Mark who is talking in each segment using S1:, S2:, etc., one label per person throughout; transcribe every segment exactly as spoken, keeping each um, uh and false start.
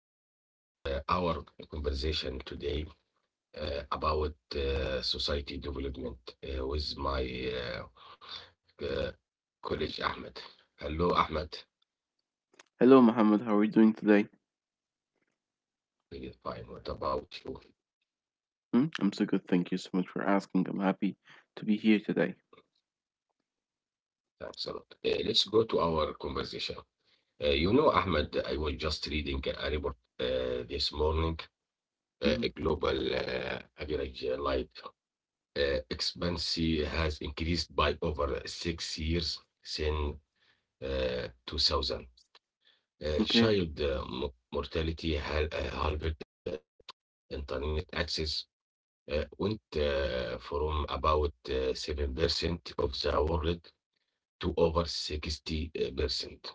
S1: everyone. Uh, our conversation today uh, about uh, society development uh, with my uh, uh, colleague Ahmed. Hello, Ahmed.
S2: Hello, Mohammed. How are you doing today?
S1: Really fine. What about you?
S2: Hmm? I'm so good. Thank you so much for asking. I'm happy to be here today.
S1: Thanks a lot. Uh, let's go to our conversation. Uh, you know, Ahmed, I was just reading a report uh, this morning. Uh, a
S2: Hmm.
S1: global uh, average uh, life uh, expectancy has increased by over six years since uh, two thousand. uh,
S2: Okay.
S1: child uh, m- mortality hal- uh, halved, uh, internet access uh, went uh, from about uh, seven percent of the world to over sixty percent.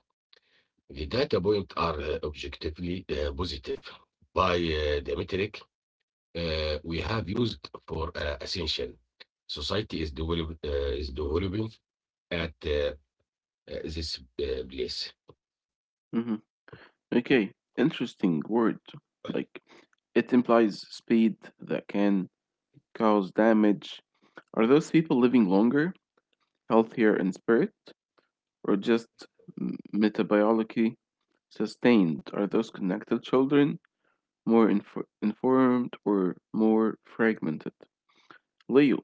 S1: The data points are uh, objectively uh, positive by uh, the metric uh, we have used for uh, essential. Society is, develop, uh, is developing at uh, uh, this uh, place.
S2: Hmm. Okay. Interesting word. Like, it implies speed that can cause damage. Are those people living longer, healthier in spirit, or just m- metabiology sustained? Are those connected children more infor- informed or more fragmented? Leo,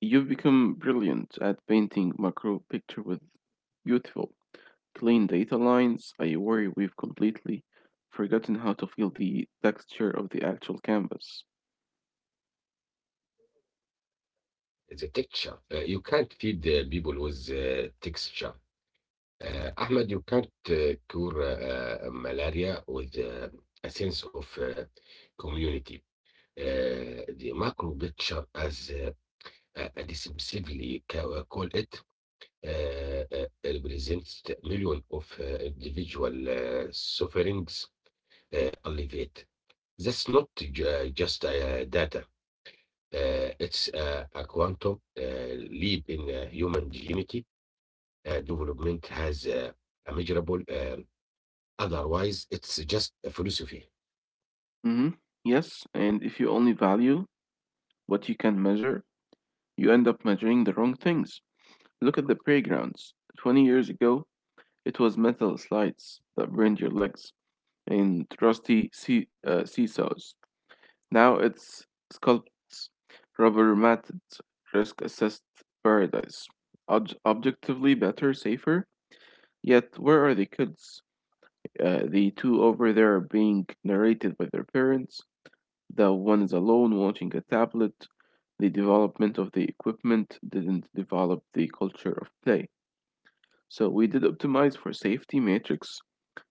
S2: you've become brilliant at painting macro picture with beautiful, clean data lines. I worry we've completely forgotten how to feel the texture of the actual canvas.
S1: The texture. Uh, you can't feed the people with uh, texture. Uh, Ahmed, you can't uh, cure uh, uh, malaria with uh, a sense of uh, community. Uh, the macro picture, as uh, uh, decisively ca- uh, call it, uh, uh, represents the million of uh, individual uh, sufferings uh, alleviate. That's not ju- just uh, data. Uh, it's uh, a quantum uh, leap in uh, human dignity. uh, development has uh, a measurable, uh, otherwise, it's just a philosophy.
S2: Hmm. Yes, and if you only value what you can measure, you end up measuring the wrong things. Look at the playgrounds. twenty years ago, it was metal slides that burned your legs and rusty see- uh, seesaws. Now it's sculpts, rubber matted, risk assessed paradise. Ob- objectively better, safer. Yet, where are the kids? Uh, the two over there are being narrated by their parents. The one is alone watching a tablet. The development of the equipment didn't develop the culture of play. So, we did optimize for safety matrix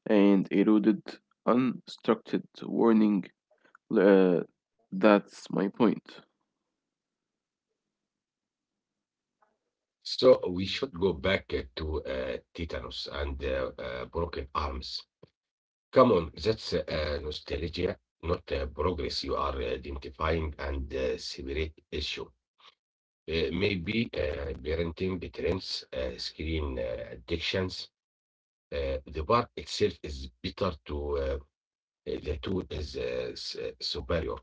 S2: and eroded unstructured warning. Uh, that's my point.
S1: So we should go back uh, to uh, tetanus and uh, uh, broken arms. Come on, that's uh, nostalgia, not uh, progress. You are identifying and uh, separate issue. Uh, maybe uh, parenting trends, uh, screen uh, addictions. Uh, the bar itself is better to uh, uh, the tool is uh, s- uh, superior.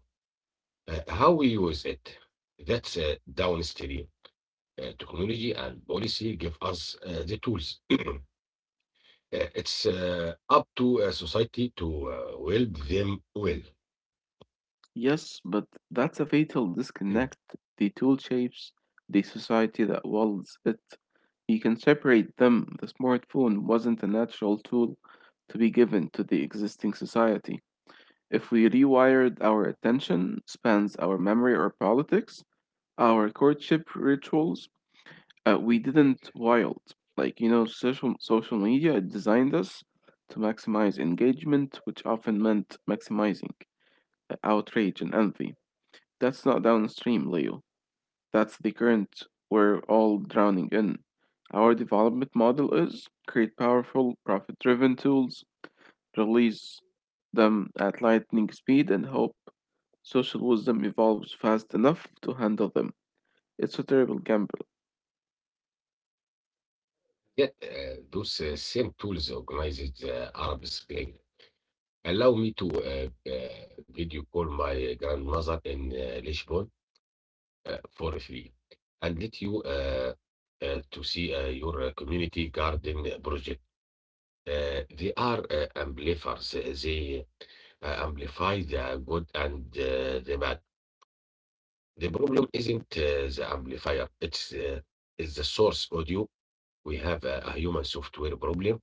S1: Uh, how we use it, that's uh, downstream. Uh, technology and policy give us uh, the tools. Uh, it's uh, up to a society to uh, wield them well.
S2: Yes, but that's a fatal
S1: Mm.
S2: disconnect. The tool shapes the society that wields it. You can separate them. The smartphone wasn't a natural tool to be given to the existing society. If we rewired our attention spans, our memory, our politics, our courtship rituals, uh, we didn't wild. Like, you know, social, social media designed us to maximize engagement, which often meant maximizing uh, outrage and envy. That's not downstream, Leo. That's the current we're all drowning in. Our development model is create powerful, profit driven tools, release them at lightning speed, and hope social wisdom evolves fast enough to handle them. It's a terrible gamble.
S1: Yet uh, those uh, same tools organized the Arab Spring. Allow me to uh, uh, video call my grandmother in uh, Lisbon uh, for free and let you uh, uh, to see uh, your uh, community garden project. uh, they are uh, amplifiers. Uh, They uh, amplify the good and uh, the bad. The problem isn't uh, the amplifier, it's, uh, it's the source audio. We have a, a human software problem,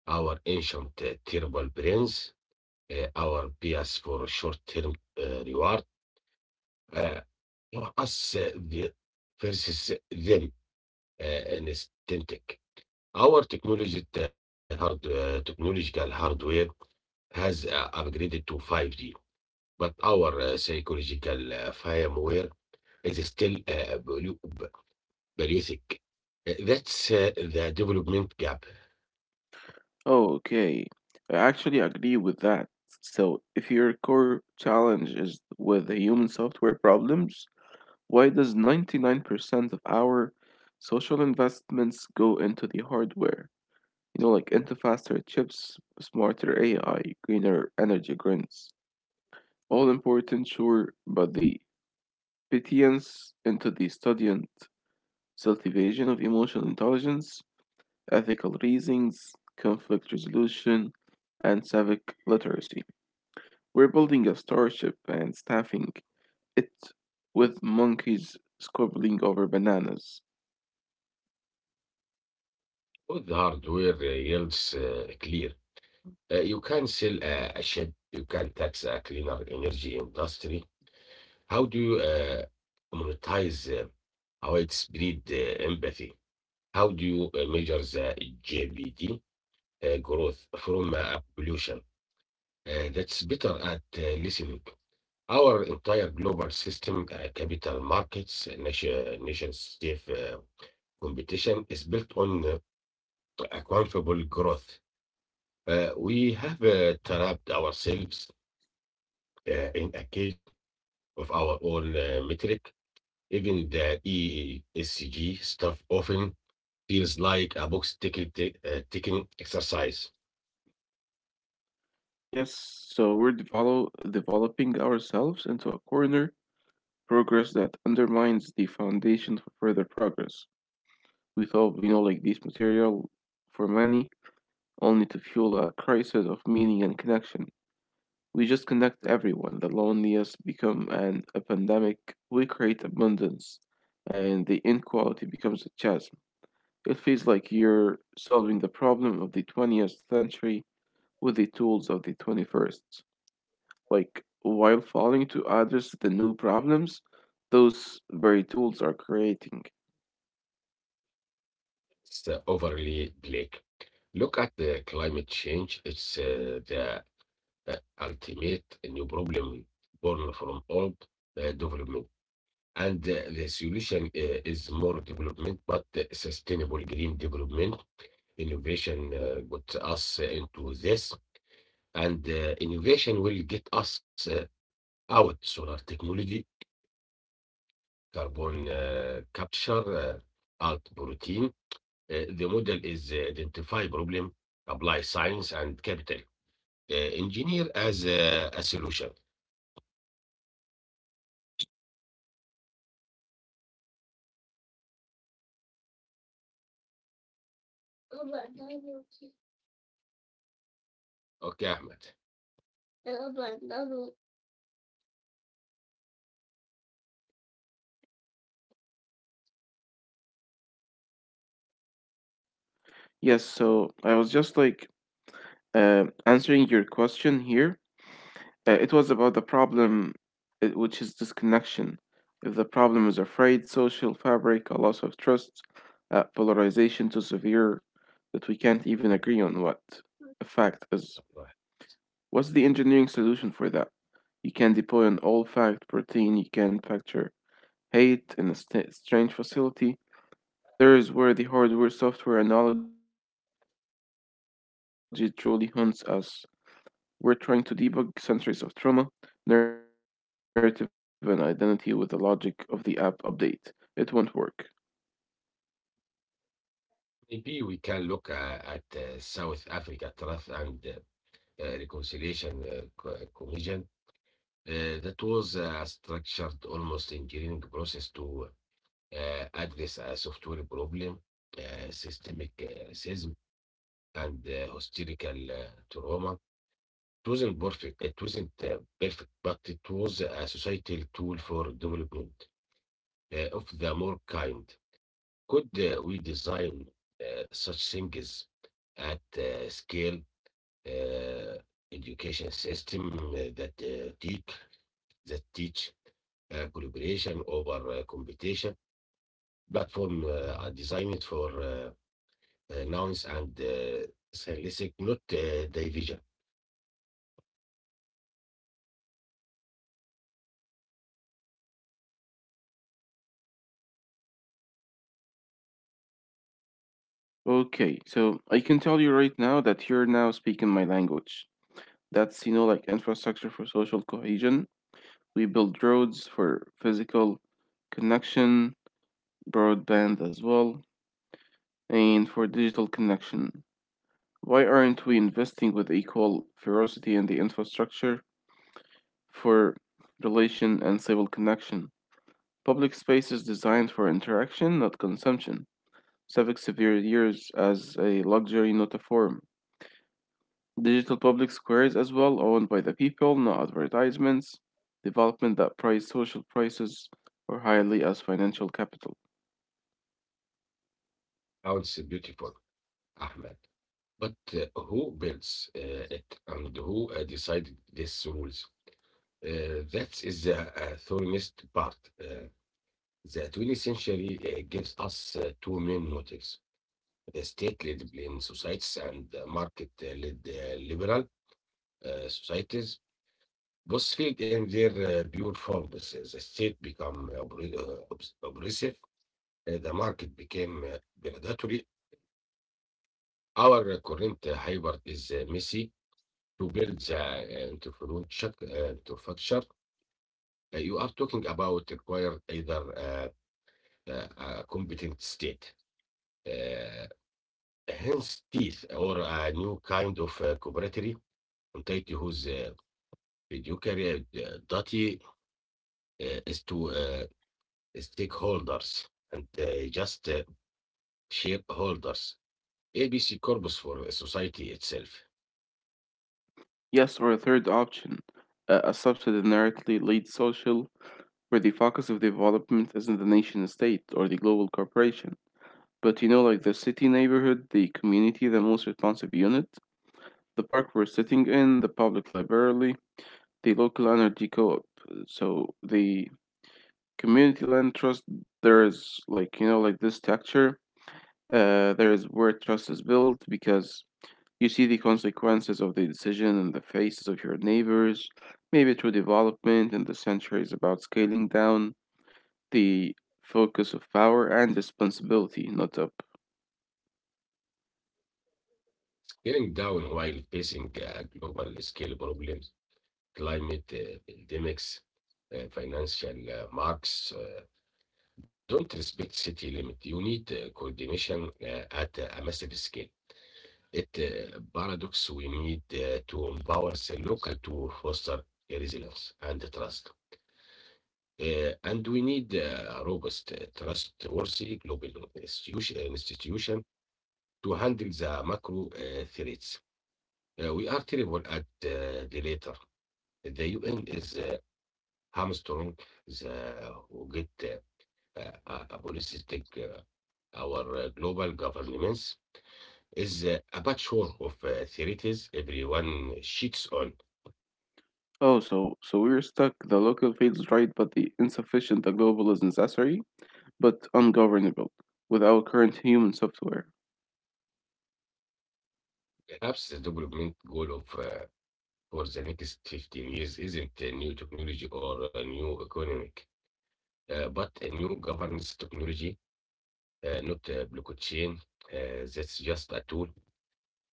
S1: our ancient uh, terrible brains, uh, our bias for short term uh, reward, uh, for us uh, the, versus them, uh, an aesthetic. Our technology, uh, hard, uh, technological hardware has uh, upgraded to five G, but our uh, psychological uh, firmware is still uh, polu- p- polluting. Uh, That's uh, the development gap.
S2: Oh, okay, I actually agree with that. So, if your core challenge is with the human software problems, why does ninety-nine percent of our social investments go into the hardware? You know, like into faster chips, smarter A I, greener energy grids. All important, sure, but the petience into the student cultivation of emotional intelligence, ethical reasonings, conflict resolution, and civic literacy. We're building a starship and staffing it with monkeys squabbling over bananas.
S1: Both hardware uh, yields uh, clear. Uh, you can sell a, a ship, you can tax a cleaner energy industry. How do you uh, monetize uh, widespread uh, empathy? How do you uh, measure the G B D? uh, growth from uh, pollution. Uh, that's better at uh, listening. Our entire global system, uh, capital markets, uh, nation, nation state uh, competition is built on uh, accountable growth. Uh, we have uh, trapped ourselves uh, in a cage of our own uh, metric. Even the E E C G stuff often feels like a box ticking, tick- uh, ticking exercise.
S2: Yes, so we're develop- developing ourselves into a corner, progress that undermines the foundation for further progress. We thought we know like this material for many, only to fuel a crisis of meaning and connection. We just connect everyone. The loneliness become an a pandemic. We create abundance, and the inequality becomes a chasm. It feels like you're solving the problem of the twentieth century with the tools of the twenty-first. Like, while failing to address the new problems those very tools are creating.
S1: It's uh, overly bleak. Look at the climate change. It's uh, the uh, ultimate new problem born from old uh, development. And uh, the solution uh, is more development, but uh, sustainable green development. Innovation uh, got us into this, and uh, innovation will get us uh, out solar technology, carbon uh, capture, uh, out protein. Uh, the model is uh, identify problem, apply science and capital. Uh, engineer as a, a solution. Okay, Ahmed.
S2: Yes, so I was just like uh, answering your question here. Uh, it was about the problem, uh, which is disconnection. If the problem is a frayed social fabric, a loss of trust, uh, polarization too severe that we can't even agree on what a fact is. What's the engineering solution for that? You can deploy an all fact protein, you can factor hate in a st- strange facility. There is where the hardware software analogy truly haunts us. We're trying to debug centuries of trauma, narrative, and identity with the logic of the app update. It won't work.
S1: Maybe we can look uh, at uh, South Africa Truth and uh, Reconciliation uh, Co- Commission. Uh, that was uh, a structured, almost engineering process to uh, address a software problem, uh, systemic uh, racism, and uh, historical uh, trauma. It wasn't perfect. It wasn't uh, perfect, but it was a societal tool for development uh, of the more kind. Could uh, we design uh, such things at uh, scale? uh, education system uh, that uh, teach that teach uh, collaboration over uh, competition. Platform uh, are designed for uh, uh, nouns and uh, stylistic, not uh, division.
S2: Okay, so I can tell you right now that you're now speaking my language. That's, you know, like infrastructure for social cohesion. We build roads for physical connection, broadband as well, and for digital connection. Why aren't we investing with equal ferocity in the infrastructure for relation and civil connection? Public spaces designed for interaction, not consumption. Civic severe years as a luxury, not a form. Digital public squares as well, owned by the people, not advertisements. Development that price social prices or highly as financial capital.
S1: Sounds beautiful, Ahmed. But uh, who builds uh, it and who uh, decided these rules? Uh, that is the uh, thorniest part. Uh, the twentieth century uh, gives us uh, two main motives, the state led in societies and market led liberal uh, societies. Both failed in their uh, pure forms. Uh, The state became uh, oppre- uh, obs- oppressive, Uh, the market became uh, predatory. Our uh, current uh, hybrid is uh, messy to build the uh, infrastructure. uh, infrastructure uh, you are talking about require either uh, uh, a competent state. Uh, Hence, teeth or a new kind of uh, cooperatory entity whose uh, fiduciary uh, duty uh, is to uh, stakeholders and uh, just uh, shareholders. A B C corpus for society itself.
S2: Yes, or a third option, a, a subsidy narrowly lead social where the focus of development isn't the nation state or the global corporation, but you know, like the city neighborhood, the community, the most responsive unit, the park we're sitting in, the public library, the local energy co op. So the community land trust, there is like, you know, like this structure, uh, there is where trust is built because you see the consequences of the decision in the faces of your neighbors, maybe through development, and the century is about scaling down the focus of power and responsibility, not up.
S1: Getting down while facing uh, global scale problems, climate uh, pandemics, uh, financial uh, marks, uh, don't respect city limit. You need uh, coordination uh, at a massive scale. It uh, paradox we need uh, to empower the local to foster resilience and trust. Uh, and we need uh, a robust, uh, trustworthy global institution, institution to handle the macro uh, threats. Uh, we are terrible at uh, the latter. The U N is uh, Armstrong, the Wget uh, Politic. Our uh, Global Governments is uh, a patchwork of uh, theories everyone sheets on.
S2: Oh, so so we're stuck. The local feels right, but the insufficient. The global is necessary, but ungovernable with our current human software.
S1: Perhaps the development goal of uh, for the next fifteen years isn't a new technology or a new economic, uh, but a new governance technology, uh, not a blockchain. Uh, that's just a tool.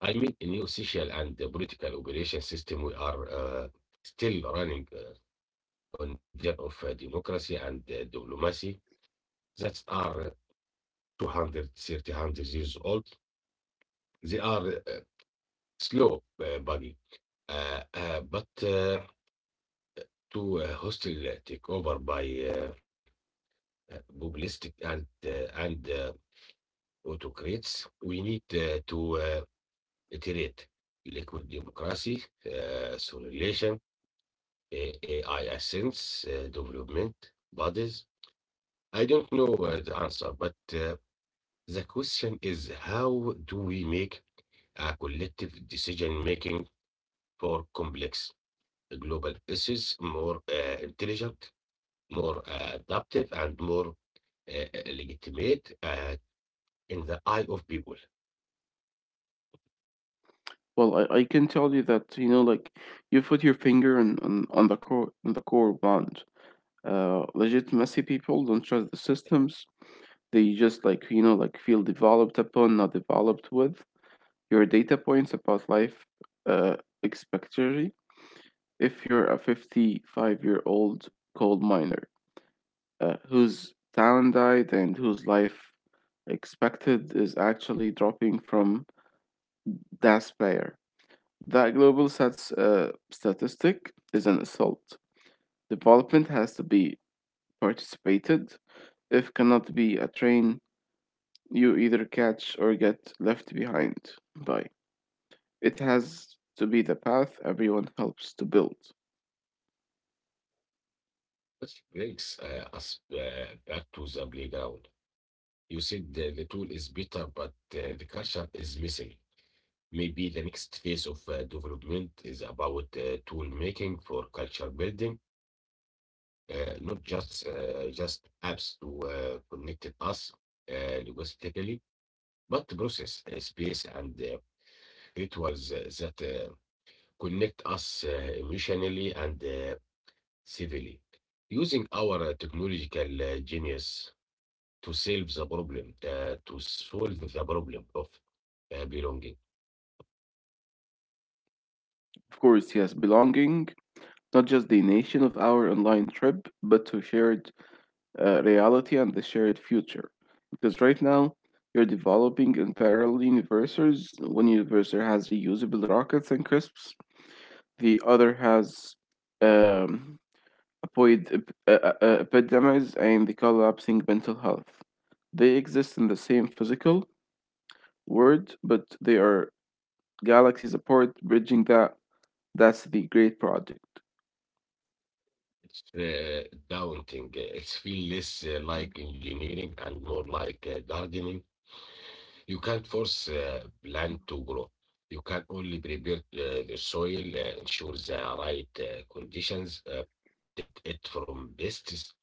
S1: I mean, a new social and uh, political operation system we are uh, still running uh, on version of uh, democracy and uh, diplomacy that are two hundred years old. They are uh, slow, uh, buggy, uh, uh, but uh, to uh, hostile uh, takeover by uh, uh, populistic and uh, and uh, autocrats, we need uh, to uh, iterate liquid democracy, uh, simulation, uh, A I assistance, uh, development bodies. I don't know uh, the answer, but uh, the question is how do we make a collective decision making for complex global issues more uh, intelligent, more uh, adaptive, and more uh, legitimate uh, in the eye of people?
S2: Well, I, I can tell you that you know, like you put your finger on on, on the core on the core bond. Uh, legit messy people don't trust the systems. They just like you know like feel developed upon, not developed with. Your data points about life, uh, expectantly if you're a fifty-five year old coal miner uh, whose talent died and whose life expected is actually dropping from despair. That global sets uh, statistic is an assault. Development has to be participated. If cannot be a train, you either catch or get left behind by. It has to be the path everyone helps to build.
S1: Which brings uh, us uh, back to the playground. You said the, the tool is better, but uh, the culture is missing. Maybe the next phase of uh, development is about uh, tool making for culture building, uh, not just uh, just apps to uh, connect us uh, linguistically, but process, uh, space, and uh, rituals uh, that uh, connect us uh, emotionally and uh, civilly. Using our uh, technological uh, genius to solve the problem, uh, to solve the problem of uh, belonging.
S2: Of course, yes, belonging not just the nation of our online trip, but to shared uh, reality and the shared future. Because right now, you're developing in parallel universes. One universe has reusable rockets and crisps, the other has um, apoid ep- uh, uh, uh, epidemics and the collapsing mental health. They exist in the same physical world, but they are galaxies apart, bridging that. That's the great project.
S1: It's uh, daunting. It's feel less uh, like engineering and more like uh, gardening. You can't force uh, plant to grow. You can only prepare uh, the soil, uh, ensure the right uh, conditions, uh, protect it from pests,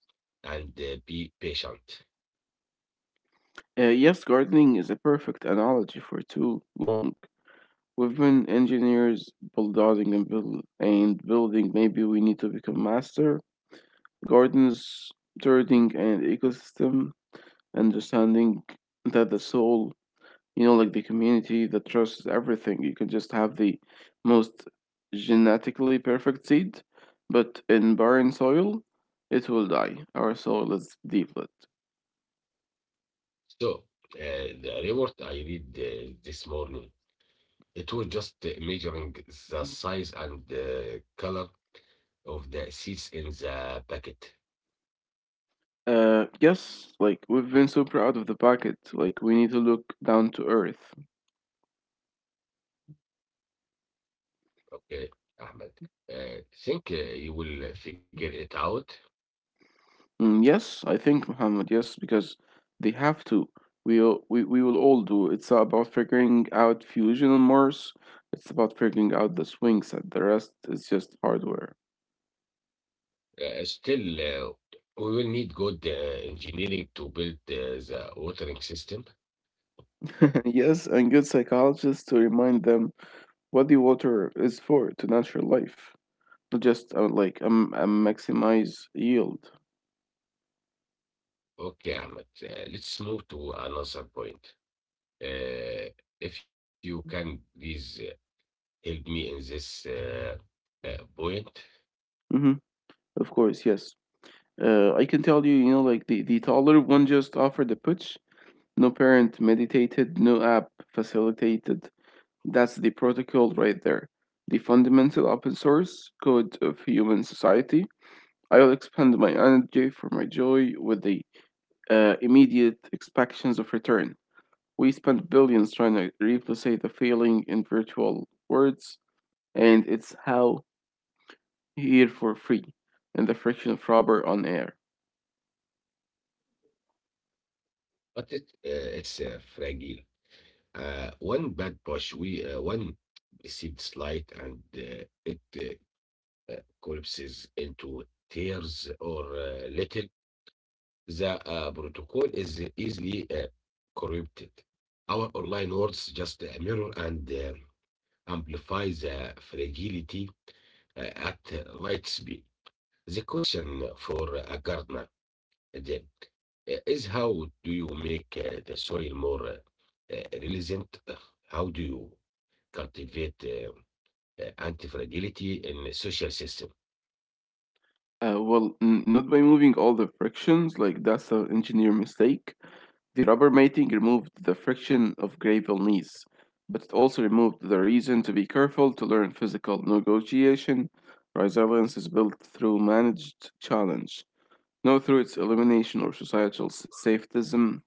S1: and uh, be patient.
S2: Uh, yes, gardening is a perfect analogy for too long. We've been engineers, bulldozing and, build- and building. Maybe we need to become master gardeners, turning and ecosystem, understanding that the soul, you know, like the community that trusts everything. You can just have the most genetically perfect seed, but in barren soil, it will die. Our soil is deeplet.
S1: So uh, the report I read uh, this morning, it was just uh, measuring the size and the color of the seeds in the packet.
S2: Uh, yes, like we've been so proud of the packet, like we need to look down to earth.
S1: Okay, Ahmed. Uh, think uh, you will figure it out.
S2: Mm, yes, I think Muhammad, yes, because they have to. We all- we we will all do. It's about figuring out fusion on Mars. It's about figuring out the swing set. The rest is just hardware.
S1: uh, still uh, we will need good uh, engineering to build uh, the watering system.
S2: Yes, and good psychologists to remind them what the water is for to natural life, not just uh, like um, um maximize yield.
S1: Okay, Ahmed, uh, let's move to another point. Uh, if you can please uh, help me in this uh, uh, point.
S2: Hmm. Of course, yes. Uh, I can tell you, you know, like the, the taller one just offered the putsch. No parent meditated, no app facilitated. That's the protocol right there. The fundamental open source code of human society. I'll expend my energy for my joy with the uh, immediate expectations of return. We spent billions trying to replicate the feeling in virtual words, and it's how here for free in the friction of rubber on air.
S1: But it, uh, it's uh, fragile. Uh, one bad push, we uh, one received slight, and uh, it uh, collapses into tears or uh, little. The uh, protocol is easily uh, corrupted. Our online words just a mirror and uh, amplify the fragility uh, at uh, light speed. The question for a gardener then, uh, is how do you make uh, the soil more uh, uh, resilient? How do you cultivate uh, uh, anti-fragility in the social system?
S2: Uh, well, n- not by moving all the frictions, like that's an engineer mistake. The rubber mating removed the friction of gravel knees, but it also removed the reason to be careful to learn physical negotiation. Resilience is built through managed challenge, not through its elimination or societal s- safetism,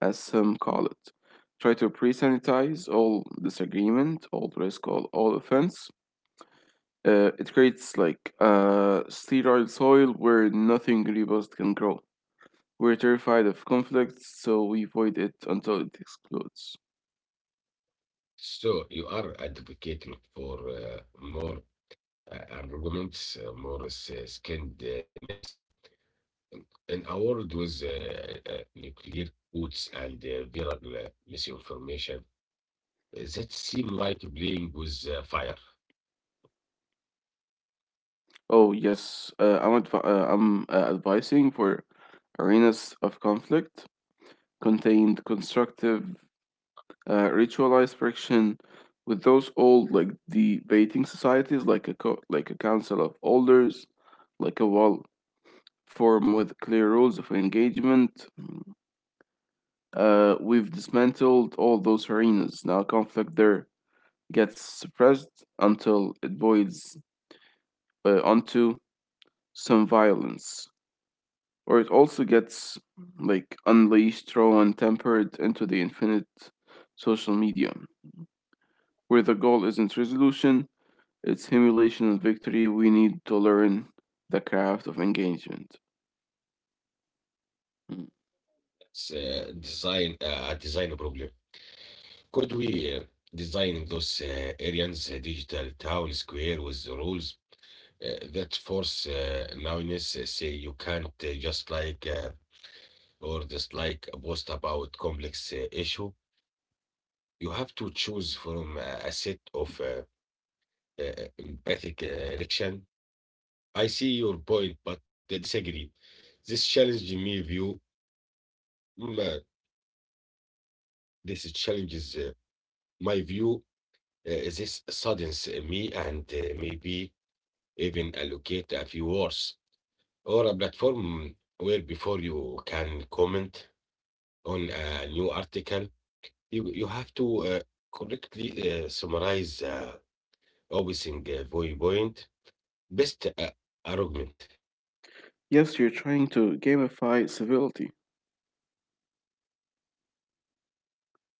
S2: as some call it. Try to pre sanitize all disagreement, all risk, all, all offense, uh, it creates like a sterile soil where nothing robust can grow. We're terrified of conflict, so we avoid it until it explodes.
S1: So you are advocating for uh, more uh, arguments, uh, more as uh, skinned uh, ness. An award with uh, uh, nuclear codes and uh, viral uh, misinformation that seem like playing with uh, fire.
S2: Oh yes, uh, I'm advi- uh, I'm uh, advising for arenas of conflict, contained constructive uh, ritualized friction with those old like debating societies like a co- like a council of elders, like a wall form with clear rules of engagement. Uh, we've dismantled all those arenas. Now conflict there gets suppressed until it boils uh, onto some violence, or it also gets like unleashed, thrown, tempered into the infinite social media, where the goal isn't resolution, it's emulation and victory. We need to learn the craft of engagement. Mm.
S1: It's uh, design uh, a design problem. Could we uh, design those uh, areas, uh, digital town square with the rules uh, that force uh, nowness, uh, say you can't uh, just like uh, or just like a post about complex uh, issue? You have to choose from a, a set of uh, uh, empathic uh, reaction. I see your point, but uh, disagree. This challenge me view. mm, uh, this challenges uh, my view. Uh, this saddens uh, me and uh, maybe even allocate a few words or a platform where before you can comment on a new article, you, you have to uh, correctly uh, summarize uh, opposing uh, viewpoint. Best uh, argument.
S2: Yes, you're trying to gamify civility.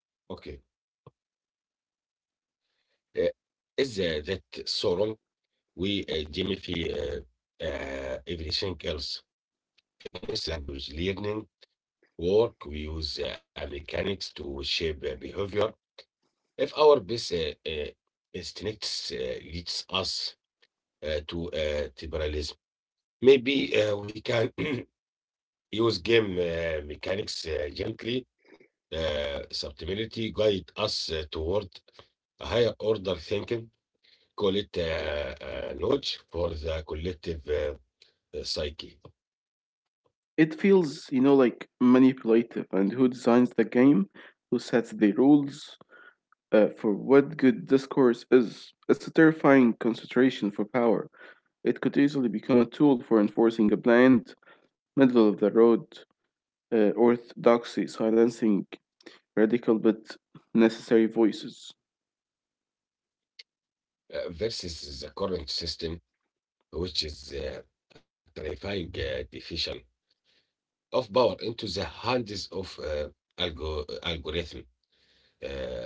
S1: Okay. Uh, is uh, that Sauron وجيمي في uh, uh, everything else. Fitness, language, learning, work. We use uh, mechanics to shape uh, behavior. If our best uh, uh, instincts uh, leads us uh, to uh, liberalism, maybe uh, we can use game uh, mechanics uh, gently. Uh, subtlety guide us uh, toward a higher order thinking call it uh, uh, lodge for the collective uh, uh, psyche.
S2: It feels, you know, like manipulative, and who designs the game, who sets the rules uh, for what good discourse is. It's a terrifying concentration for power. It could easily become a tool for enforcing a bland, middle of the road uh, orthodoxy, silencing radical but necessary voices.
S1: Uh, versus the current system, which is uh, a terrifying uh, division of power into the hands of uh, algo- uh, algorithm uh,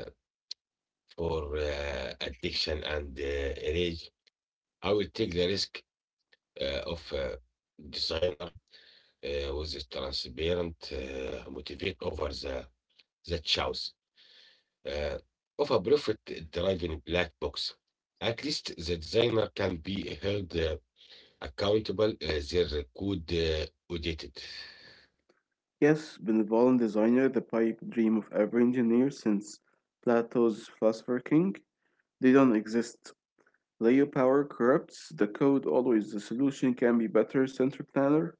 S1: for uh, addiction and uh, rage. I will take the risk uh, of uh, designer uh, with the transparent uh, motivate over the that choice uh, of a profit driven black box. At least the designer can be held uh, accountable, uh, their code uh, audited.
S2: Yes, benevolent designer, the pipe dream of every engineer since Plato's Philosopher King. They don't exist. Layer power corrupts the code always. The solution can be better central planner,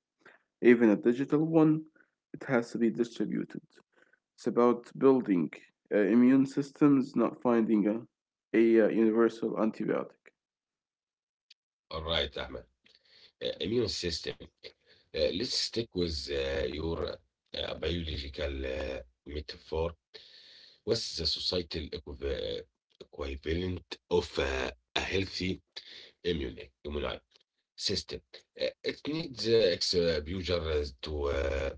S2: even a digital one. It has to be distributed. It's about building uh, immune systems, not finding a, a uh, universal antibiotic.
S1: All right, Ahmed. Uh, immune system. Uh, let's stick with uh, your uh, biological uh, metaphor. What's the societal equiv- uh, equivalent of uh, a healthy immune? immune system. Uh, It needs uh, exposure to uh,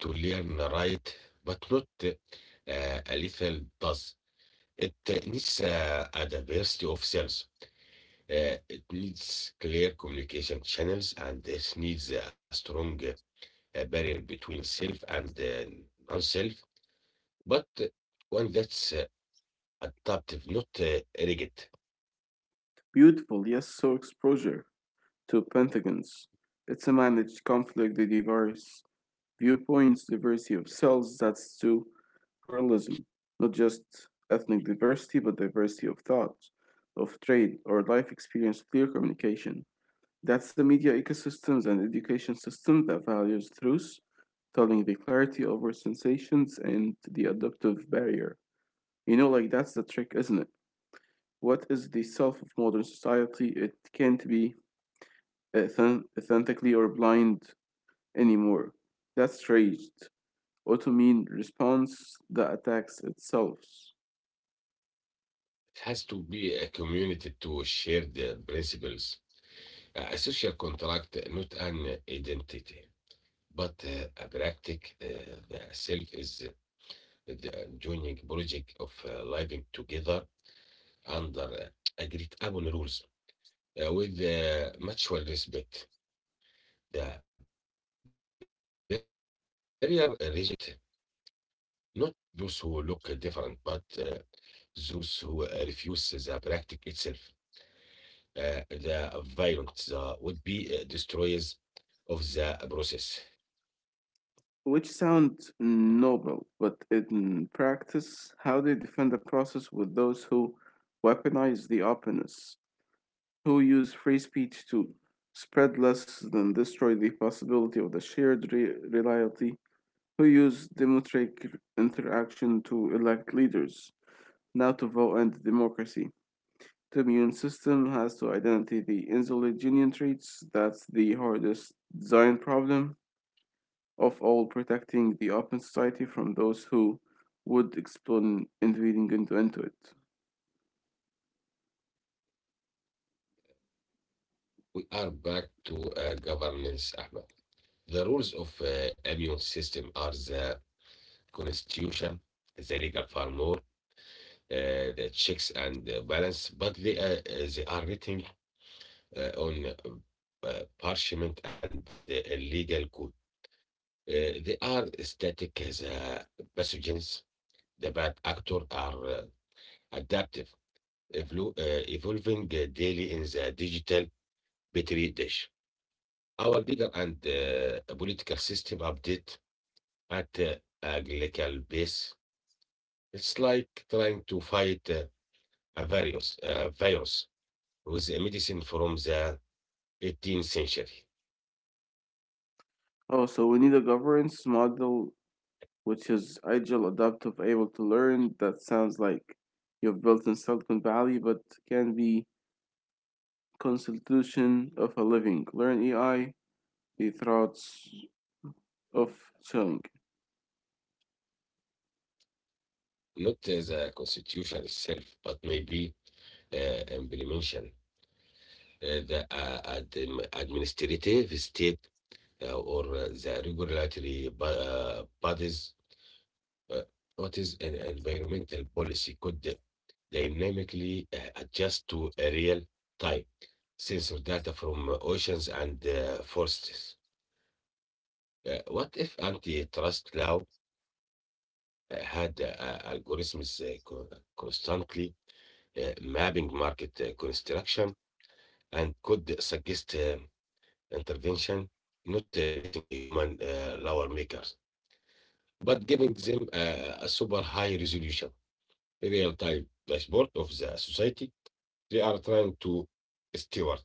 S1: to learn right, but not uh, a little does. It uh, needs uh, a diversity of cells. Uh, it needs clear communication channels, and it needs a strong uh, barrier between self and uh, non-self. But uh, one that's uh, adaptive, not uh, rigid.
S2: Beautiful, yes, so exposure to pentagons. It's a managed conflict device viewpoints, diversity of cells, that's to pluralism, not just ethnic diversity, but diversity of thought, of trade, or life experience, clear communication. That's the media ecosystems and education system that values truth, telling the clarity over sensations and the adaptive barrier. You know, like that's the trick, isn't it? What is the self of modern society? It can't be authentically or blind anymore. That's tragedy also mean response the attacks itself,
S1: It has to be a community to share the principles. A a social contract uh, not an identity, but uh, a practice. Uh, the self is uh, the joining project of uh, living together under uh, agreed upon rules uh, with uh, mutual respect. The barrier uh, reject not those who look different, but uh, those who uh, refuse the practice itself. Uh, the violent uh, would be uh, destroyers of the process.
S2: which sound noble, but in practice, how they defend the process with those who weaponize the openness, who use free speech to spread less than destroy the possibility of the shared re- reality, who use democratic interaction to elect leaders, now to vote and democracy, the immune system has to identify the insulinogenic traits. That's the hardest design problem of all, protecting the open society from those who would explode invading into, into it.
S1: We are back to uh, governance, Ahmed. The rules of uh, immune system are the constitution, the legal framework, uh, the checks and the balance, but they, uh, uh, they are written uh, on uh, uh, parchment and uh, legal code. Uh, they are static as uh, pathogens. The bad actor are uh, adaptive, evolu- uh, evolving uh, daily in the digital betrayed us. Our legal and uh, political system update at uh, agricultural base. It's like trying to fight uh, a virus, a virus with a medicine from the eighteenth century.
S2: Also, we need a governance model which is agile, adaptive, able to learn. That sounds like you've built in Silicon Valley, but can be constitution of a living. Learn A I, the thoughts of chilling.
S1: Not uh, the constitution itself, but maybe uh, implementation, uh, the uh, adm- administrative state uh, or uh, the regulatory bo- uh, bodies. Uh, what is an environmental policy could dynamically uh, adjust to a real time sensor data from uh, oceans and uh, forests. Uh, what if antitrust law uh, had uh, uh, algorithms uh, co- uh, constantly uh, mapping market uh, construction and could suggest uh, intervention, not uh, replacing human uh, law makers, but giving them uh, a super high resolution, real time dashboard of the society they are trying to steward?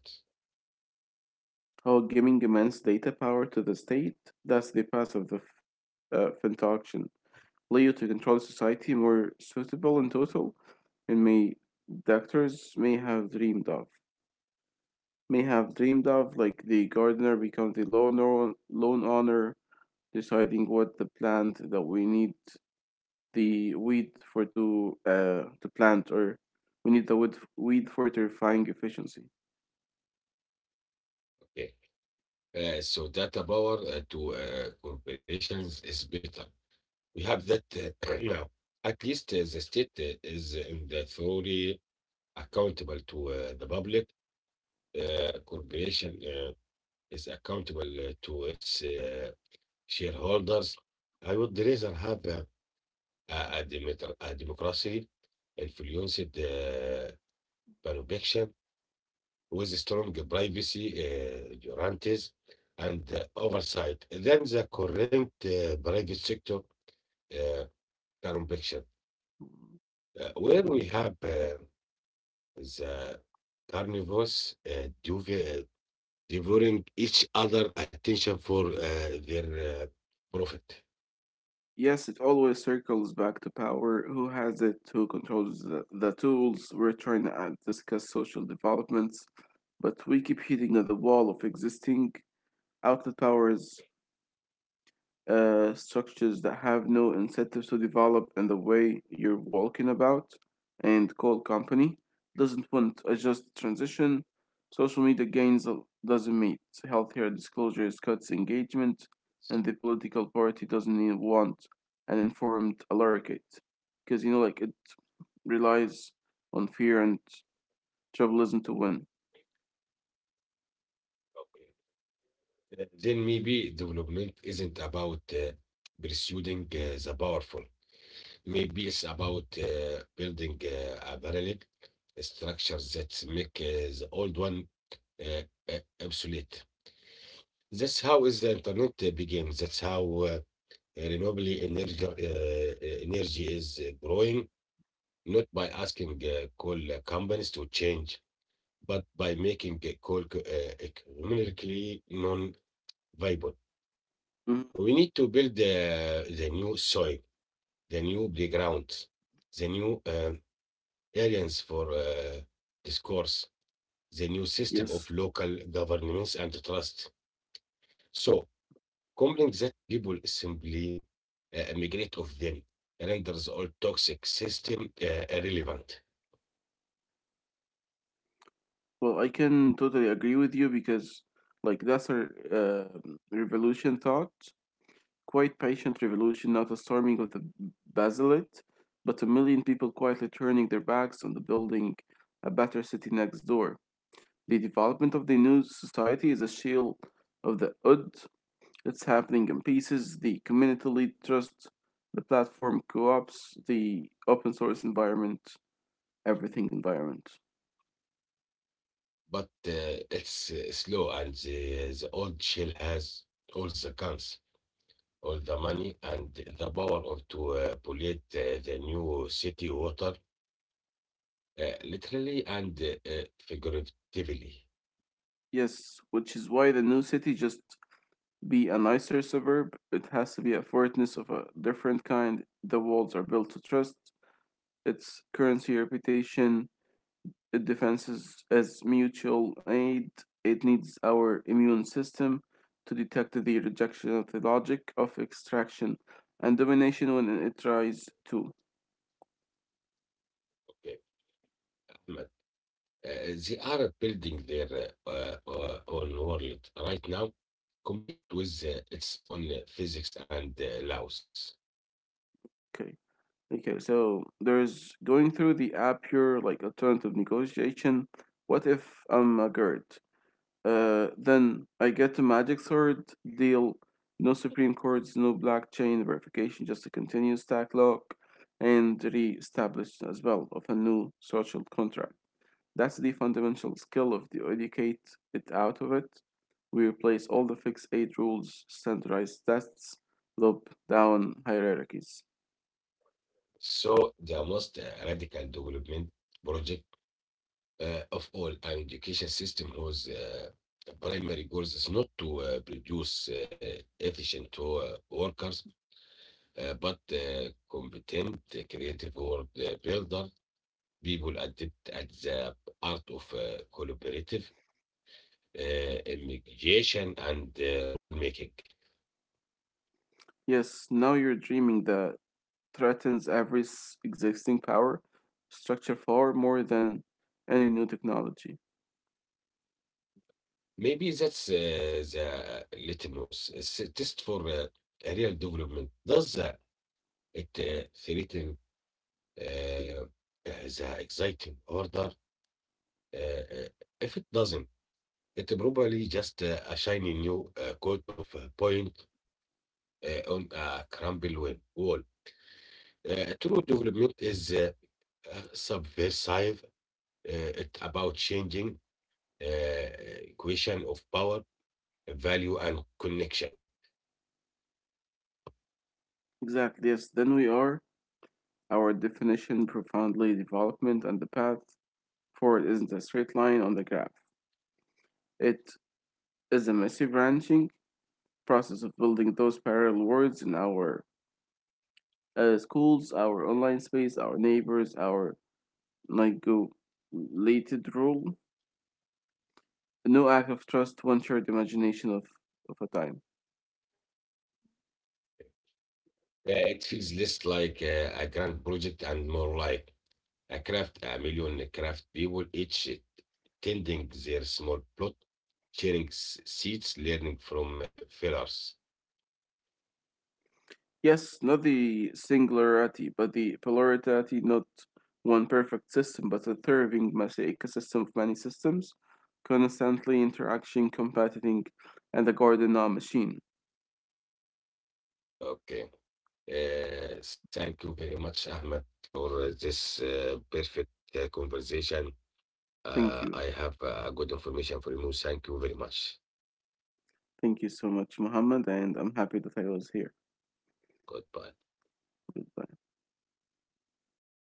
S2: Or giving immense data power to the state. That's the path of the f- uh, Fintauction. Leo to control society more suitable in total, and may doctors may have dreamed of. May have dreamed of, like the gardener becomes the lawn, or- lawn owner, deciding what the plant that we need the weed for to uh to plant, or we need the weed weed for terrifying efficiency.
S1: Okay. Uh, so data power uh, to uh, corporations is better. We have that uh, right now. At least uh, the state uh, is uh, in the theory accountable to uh, the public. Uh, corporation uh, is accountable uh, to its uh, shareholders. I would rather have uh, a, a, demeter- a democracy influenced uh, by election with strong privacy uh, guarantees and uh, oversight than the current uh, private sector uh, complexion, uh, where we have uh, the carnivores uh, dev- uh, devouring each other attention for uh, their uh, profit.
S2: Yes, it always circles back to power. Who has it? Who controls the, the tools? We're trying to uh, discuss social developments, but we keep hitting at the wall of existing outlet powers uh, structures that have no incentives to develop in the way you're walking about, and coal company doesn't want a just transition. Social media gains doesn't meet healthier disclosures, cuts engagement, and the political party doesn't even want an informed allocate because you know, like it relies on fear and tribalism to win.
S1: Okay. Uh, Then maybe development isn't about uh, pursuing uh, the powerful. Maybe it's about uh, building uh, a parallel structure that make uh, the old one uh, uh, obsolete. That's how is the internet uh, began. That's how uh, renewable energy uh, uh, energy is uh, growing, not by asking uh, coal companies to change, but by making uh, coal co- uh, economically non-viable.
S2: Mhm.
S1: We need to build uh, the new soil, the new playgrounds, the new uh, areas for uh, discourse, the new system
S2: Yes.
S1: of local governments and trust. So, compelling that people simply uh, migrate of them renders all toxic system uh, irrelevant.
S2: Well, I can totally agree with you because, like, that's a uh, revolution thought. Quite patient revolution, not a storming of the basilic, but a million people quietly turning their backs on the building a better city next door. The development of the new society is a shield of the odd. It's happening in pieces. The community lead trust, the platform co-ops, the open source environment everything environment.
S1: But uh, it's uh, slow, and the, the old shell has all the guns, all the money, and the power of to uh, pollute uh, the new city water, uh, literally and uh, uh, figuratively.
S2: Yes, which is why the new city just be a nicer suburb. It has to be a fortness of a different kind. The walls are built to trust its currency, reputation, defenses as mutual aid. It needs our immune system to detect the rejection of the logic of extraction and domination when it tries to.
S1: Okay, Ahmed. Uh, they are building their uh, uh, uh, own world right now, complete with uh, its own uh, physics and uh, laws.
S2: Okay. Okay, so there's going through the app here, like alternative negotiation. What if I'm a G E R D? Uh, then I get a magic sword deal, no supreme courts, no blockchain verification, just a continuous stack lock and re-established as well of a new social contract. That's the fundamental skill of the educate it out of it. We replace all the fixed eight rules, standardized tests, loop down hierarchies.
S1: So, the most uh, radical development project uh, of all an education system whose uh, primary goal is not to uh, produce uh, efficient uh, workers, uh, but uh, competent, uh, creative world uh, builder, people adept at the art of uh, collaborative uh, mediation and uh, rule making.
S2: Yes, now you're dreaming that threatens every existing power structure far more than any new technology.
S1: Maybe that's uh, the litmus. It's a test for uh, a real development. Does uh, it uh, threaten uh, uh, the exciting order? Uh, uh, if it doesn't, it probably just uh, a shiny new uh, coat of uh, paint uh, on a crumbled wall. wall. Uh, true development is uh, uh, subversive. Uh, it about changing uh, equation of power value and connection.
S2: Exactly, yes, then we are. Our definition profoundly development and the path forward isn't a straight line on the graph. It is a messy branching process of building those parallel worlds in our uh, schools, our online space, our neighbors, our like go related role no act of trust, one shared imagination of, of a time.
S1: Yeah, it feels less like a, a grand project and more like a craft, a million craft people, each tending their small plot, sharing s- seeds, learning from uh, failures.
S2: Yes, not the singularity, but the plurality, not one perfect system, but a thriving mosaic, a system of many systems, constantly interacting, competing, and a garden now machine.
S1: Okay. Uh, thank you very much, Ahmed, for uh, this uh, perfect uh, conversation. Uh,
S2: Thank
S1: I
S2: you.
S1: have uh, good information for you. Thank you very much.
S2: Thank you so much, Muhammad, and I'm happy that I was here.
S1: Goodbye.
S2: Goodbye.